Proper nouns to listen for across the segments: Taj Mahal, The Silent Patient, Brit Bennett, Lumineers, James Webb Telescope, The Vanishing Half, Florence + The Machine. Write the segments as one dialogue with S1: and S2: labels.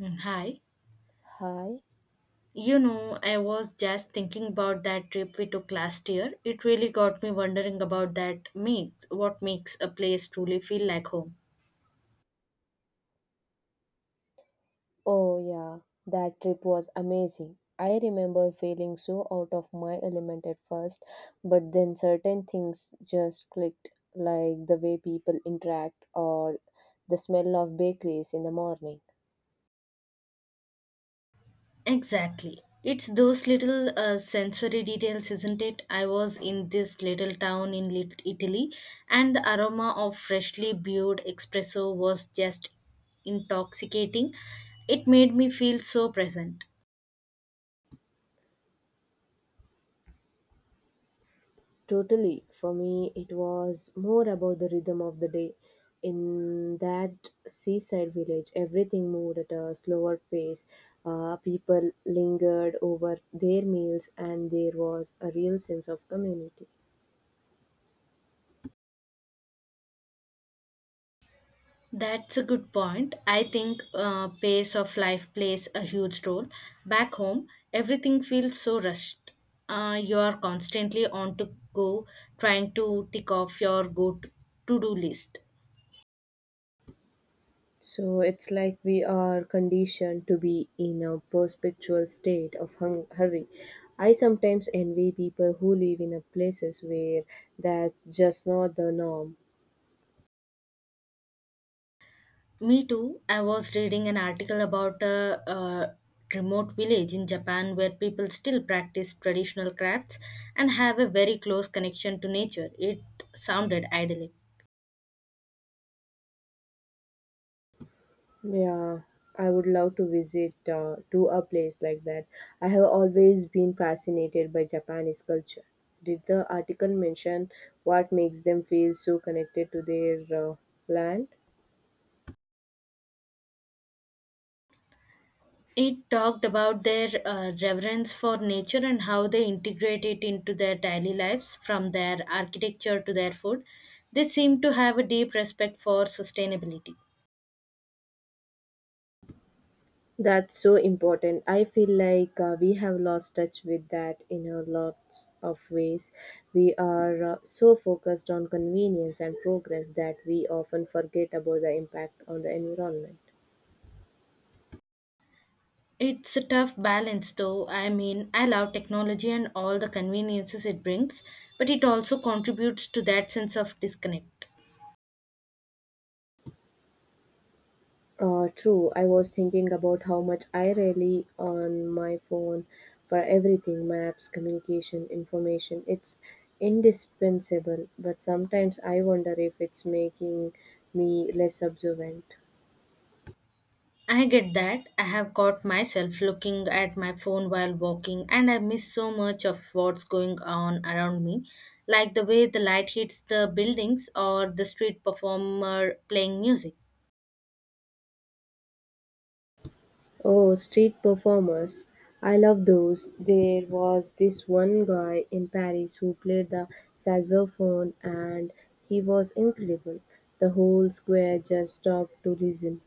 S1: Mm, hi.
S2: Hi.
S1: You know, I was just thinking about that trip we took last year. It really got me wondering about that makes what makes a place truly feel like home.
S2: Oh, yeah. That trip was amazing. I remember feeling so out of my element at first, but then certain things just clicked, like the way people interact or the smell of bakeries in the morning.
S1: Exactly. It's those little sensory details, isn't it? I was in this little town in Italy, and the aroma of freshly brewed espresso was just intoxicating. It made me feel so present.
S2: Totally. For me, it was more about the rhythm of the day. In that seaside village, everything moved at a slower pace. People lingered over their meals, and there was a real sense of community.
S1: That's a good point. I think pace of life plays a huge role. Back home, everything feels so rushed. You are constantly on to go, trying to tick off your go to do list.
S2: So it's like we are conditioned to be in a perpetual state of hurry. I sometimes envy people who live in a places where that's just not the norm.
S1: Me too. I was reading an article about a remote village in Japan where people still practice traditional crafts and have a very close connection to nature. It sounded idyllic.
S2: Yeah, I would love to visit to a place like that. I have always been fascinated by Japanese culture. Did the article mention what makes them feel so connected to their uh, land?
S1: It talked about their reverence for nature and how they integrate it into their daily lives, from their architecture to their food. They seem to have a deep respect for sustainability.
S2: That's so important. I feel like we have lost touch with that in a lot of ways. We are so focused on convenience and progress that we often forget about the impact on the environment.
S1: It's a tough balance, though. I mean, I love technology and all the conveniences it brings, but it also contributes to that sense of disconnect.
S2: True, I was thinking about how much I rely on my phone for everything maps, communication, information. It's indispensable, but sometimes I wonder if it's making me less observant.
S1: I get that. I have caught myself looking at my phone while walking, and I miss so much of what's going on around me, like the way the light hits the buildings or the street performer playing music.
S2: Oh, street performers. I love those. There was this one guy in Paris who played the saxophone and he was incredible. The whole square just stopped to listen.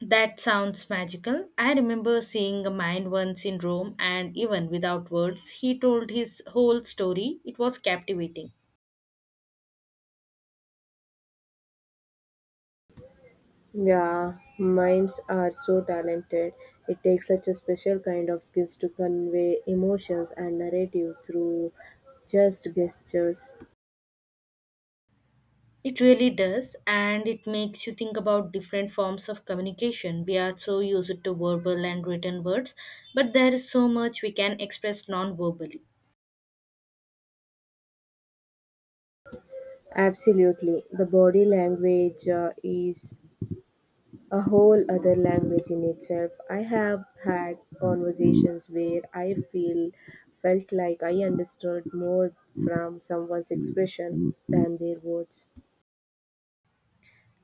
S1: That sounds magical. I remember seeing a man once in Rome, and even without words, he told his whole story. It was captivating.
S2: Yeah, mimes are so talented. It takes such a special kind of skills to convey emotions and narrative through just gestures.
S1: It really does, and it makes you think about different forms of communication. We are so used to verbal and written words, but there is so much we can express non verbally.
S2: Absolutely. The body language is a whole other language in itself. I have had conversations where I feel felt like I understood more from someone's expression than their words.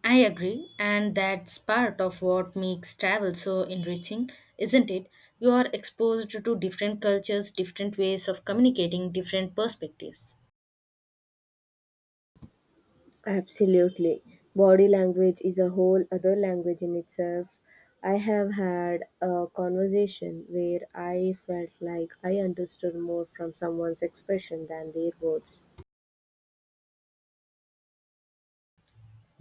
S1: I agree, and that's part of what makes travel so enriching, isn't it? You are exposed to different cultures, different ways of communicating, different perspectives.
S2: Absolutely. Body language is a whole other language in itself. I have had a conversation where I felt like I understood more from someone's expression than their words.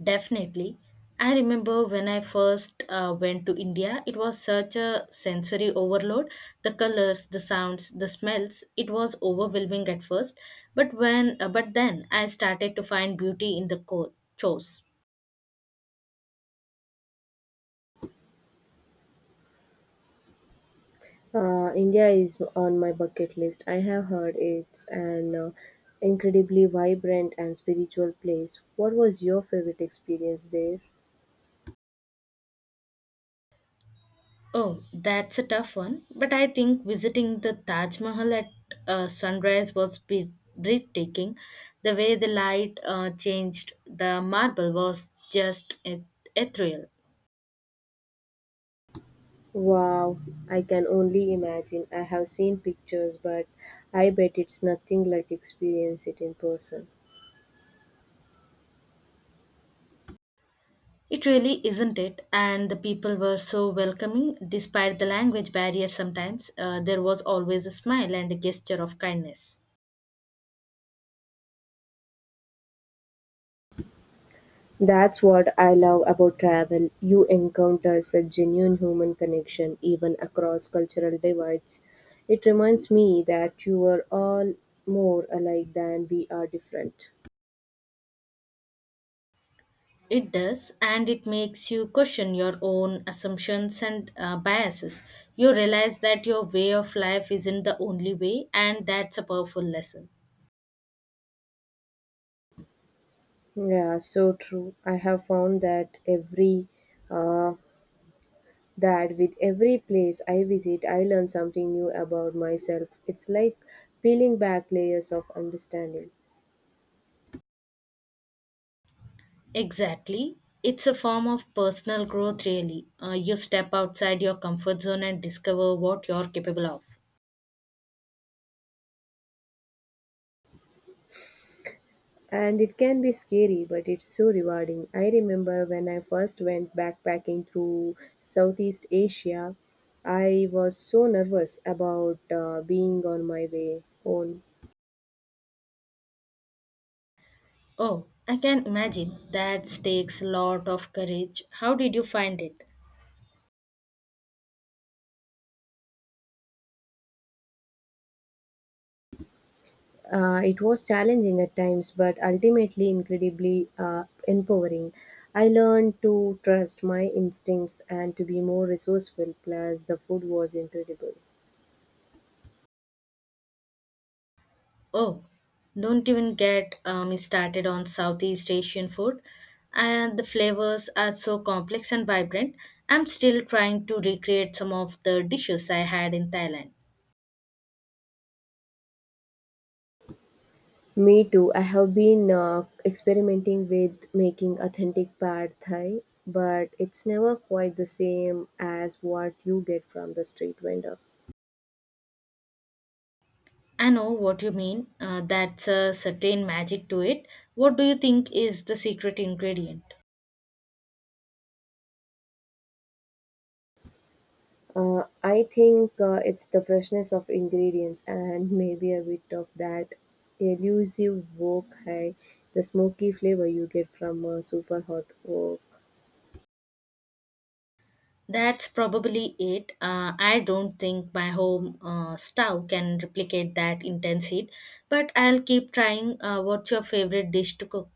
S1: Definitely. I remember when I first went to India, it was such a sensory overload. The colors, the sounds, the smells, it was overwhelming at first, but when but then I started to find beauty in the chores.
S2: India is on my bucket list. I have heard it's an incredibly vibrant and spiritual place. What was your favorite experience there?
S1: Oh, that's a tough one, but I think visiting the Taj Mahal at sunrise was breathtaking. The way the light changed, the marble was just ethereal.
S2: Wow, I can only imagine. I have seen pictures, but I bet it's nothing like experience it in person.
S1: It really isn't it, and the people were so welcoming despite the language barrier sometimes. There was always a smile and a gesture of kindness.
S2: That's what I love about travel. You encounter such genuine human connection even across cultural divides. It reminds me that you are all more alike than we are different.
S1: It does, and it makes you question your own assumptions and biases. You realize that your way of life isn't the only way, and that's a powerful lesson.
S2: Yeah, so true. I have found that every uh, that with every place I visit, I learn something new about myself. It's like peeling back layers of understanding.
S1: Exactly. It's a form of personal growth, really. You step outside your comfort zone and discover what you're capable of.
S2: And it can be scary, but it's so rewarding. I remember when I first went backpacking through Southeast Asia, I was so nervous about being on my way own.
S1: Oh, I can imagine. That takes a lot of courage. How did you find it?
S2: It was challenging at times, but ultimately incredibly empowering. I learned to trust my instincts and to be more resourceful, plus, the food was incredible.
S1: Oh, don't even get me started on Southeast Asian food. And the flavors are so complex and vibrant. I'm still trying to recreate some of the dishes I had in Thailand.
S2: Me too. I have been experimenting with making authentic pad thai, but it's never quite the same as what you get from the street vendor.
S1: I know what you mean. That's a certain magic to it. What do you think is the secret ingredient?
S2: I think it's the freshness of ingredients and maybe a bit of that elusive wok hai, the smoky flavor you get from super hot wok.
S1: That's probably it. I don't think my home stove can replicate that intense heat, but I'll keep trying. What's your favorite dish to cook?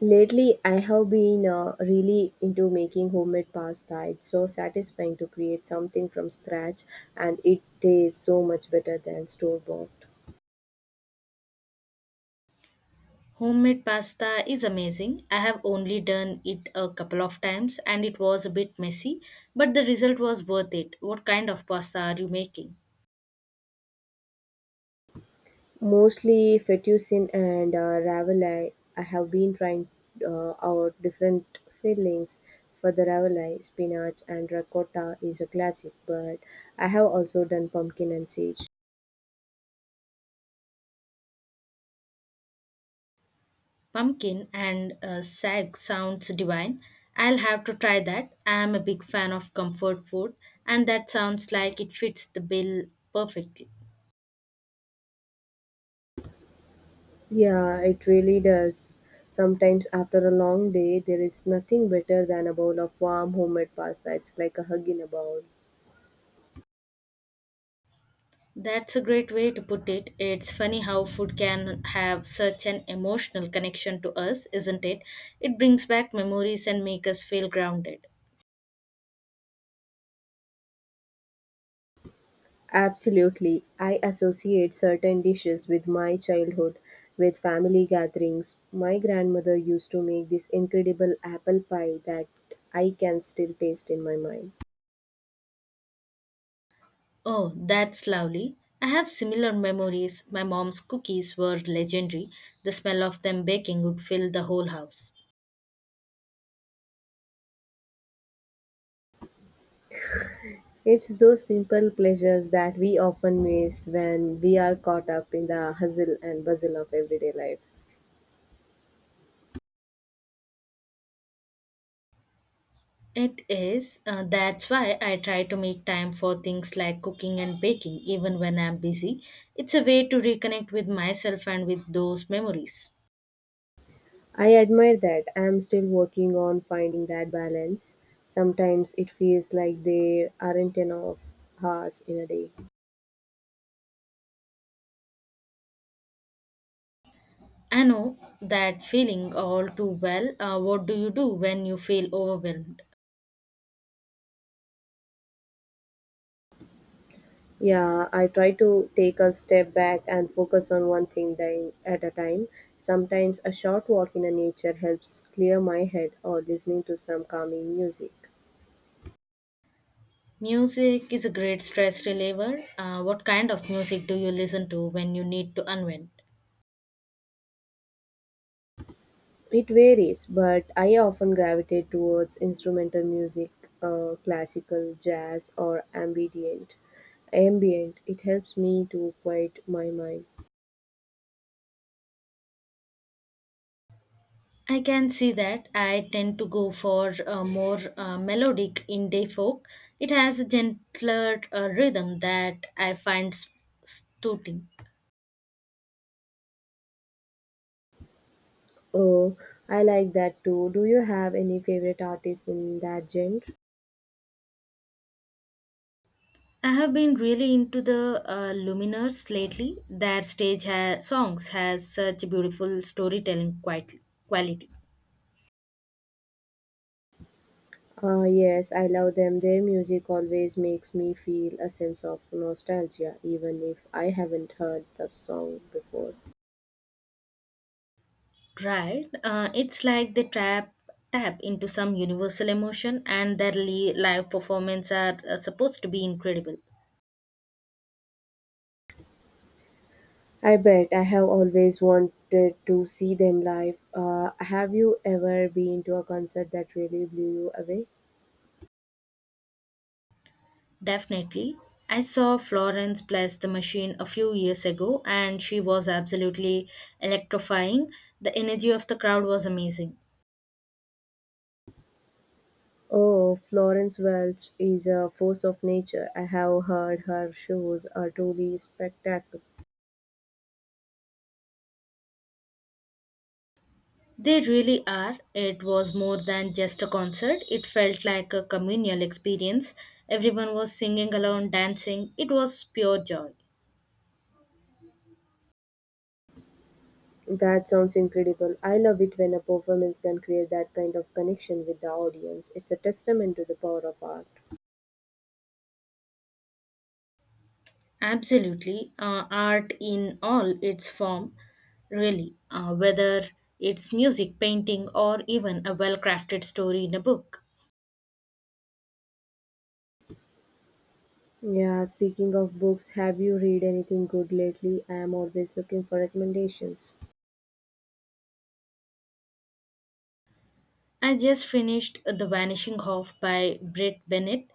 S2: Lately, I have been really into making homemade pasta. It's so satisfying to create something from scratch, and it tastes so much better than store bought.
S1: Homemade pasta is amazing. I have only done it a couple of times and it was a bit messy, but the result was worth it. What kind of pasta are you making?
S2: Mostly fettuccine and ravioli. I have been trying out different fillings for the ravioli. Spinach and ricotta is a classic, but I have also done pumpkin and sage.
S1: Pumpkin and sag sounds divine. I'll have to try that. I am a big fan of comfort food, and that sounds like it fits the bill perfectly.
S2: Yeah, it really does. Sometimes after a long day, there is nothing better than a bowl of warm homemade pasta. It's like a hug in a bowl.
S1: That's a great way to put it. It's funny how food can have such an emotional connection to us, isn't it? It brings back memories and make us feel grounded.
S2: Absolutely. I associate certain dishes with my childhood, with family gatherings. My grandmother used to make this incredible apple pie that I can still taste in my mind.
S1: Oh, that's lovely. I have similar memories. My mom's cookies were legendary. The smell of them baking would fill the whole house.
S2: It's those simple pleasures that we often miss when we are caught up in the hustle and bustle of everyday life.
S1: It is. That's why I try to make time for things like cooking and baking even when I'm busy. It's a way to reconnect with myself and with those memories.
S2: I admire that. I am still working on finding that balance. Sometimes it feels like there aren't enough hours in a day.
S1: I know that feeling all too well. What do you do when you feel overwhelmed?
S2: Yeah, I try to take a step back and focus on one thing at a time. Sometimes a short walk in the nature helps clear my head or listening to some calming music.
S1: Music is a great stress reliever. What kind of music do you listen to when you need to unwind?
S2: It varies, but I often gravitate towards instrumental music, classical, jazz, or ambient. Ambient. It helps me to quiet my mind.
S1: I can see that. I tend to go for more melodic indie folk. It has a gentler rhythm that I find soothing.
S2: Oh, I like that too. Do you have any favorite artists in that genre?
S1: I have been really into the Luminers lately. Their songs has such beautiful storytelling quality.
S2: Ah, yes, I love them. Their music always makes me feel a sense of nostalgia, even if I haven't heard the song before.
S1: Right. It's like they tap into some universal emotion, and their live performance are supposed to be incredible.
S2: I bet I have always wanted to see them live. Have you ever been to a concert that really blew you away?
S1: Definitely. I saw Florence bless the machine a few years ago, and she was absolutely electrifying. The energy of the crowd was amazing.
S2: Oh, Florence Welch is a force of nature. I have heard her shows are truly spectacular.
S1: They really are. It was more than just a concert, it felt like a communal experience. Everyone was singing along, dancing. It was pure joy.
S2: That sounds incredible. I love it when a performance can create that kind of connection with the audience. It's a testament to the power of art.
S1: Absolutely, art in all its form, really, whether it's music, painting, or even a well crafted story in a book.
S2: Yeah, speaking of books, have you read anything good lately? I am always looking for recommendations.
S1: I just finished The Vanishing Half by Britt Bennett.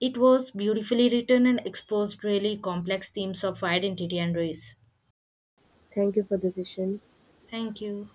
S1: It was beautifully written and exposed really complex themes of identity and race.
S2: Thank you for the session.
S1: Thank you.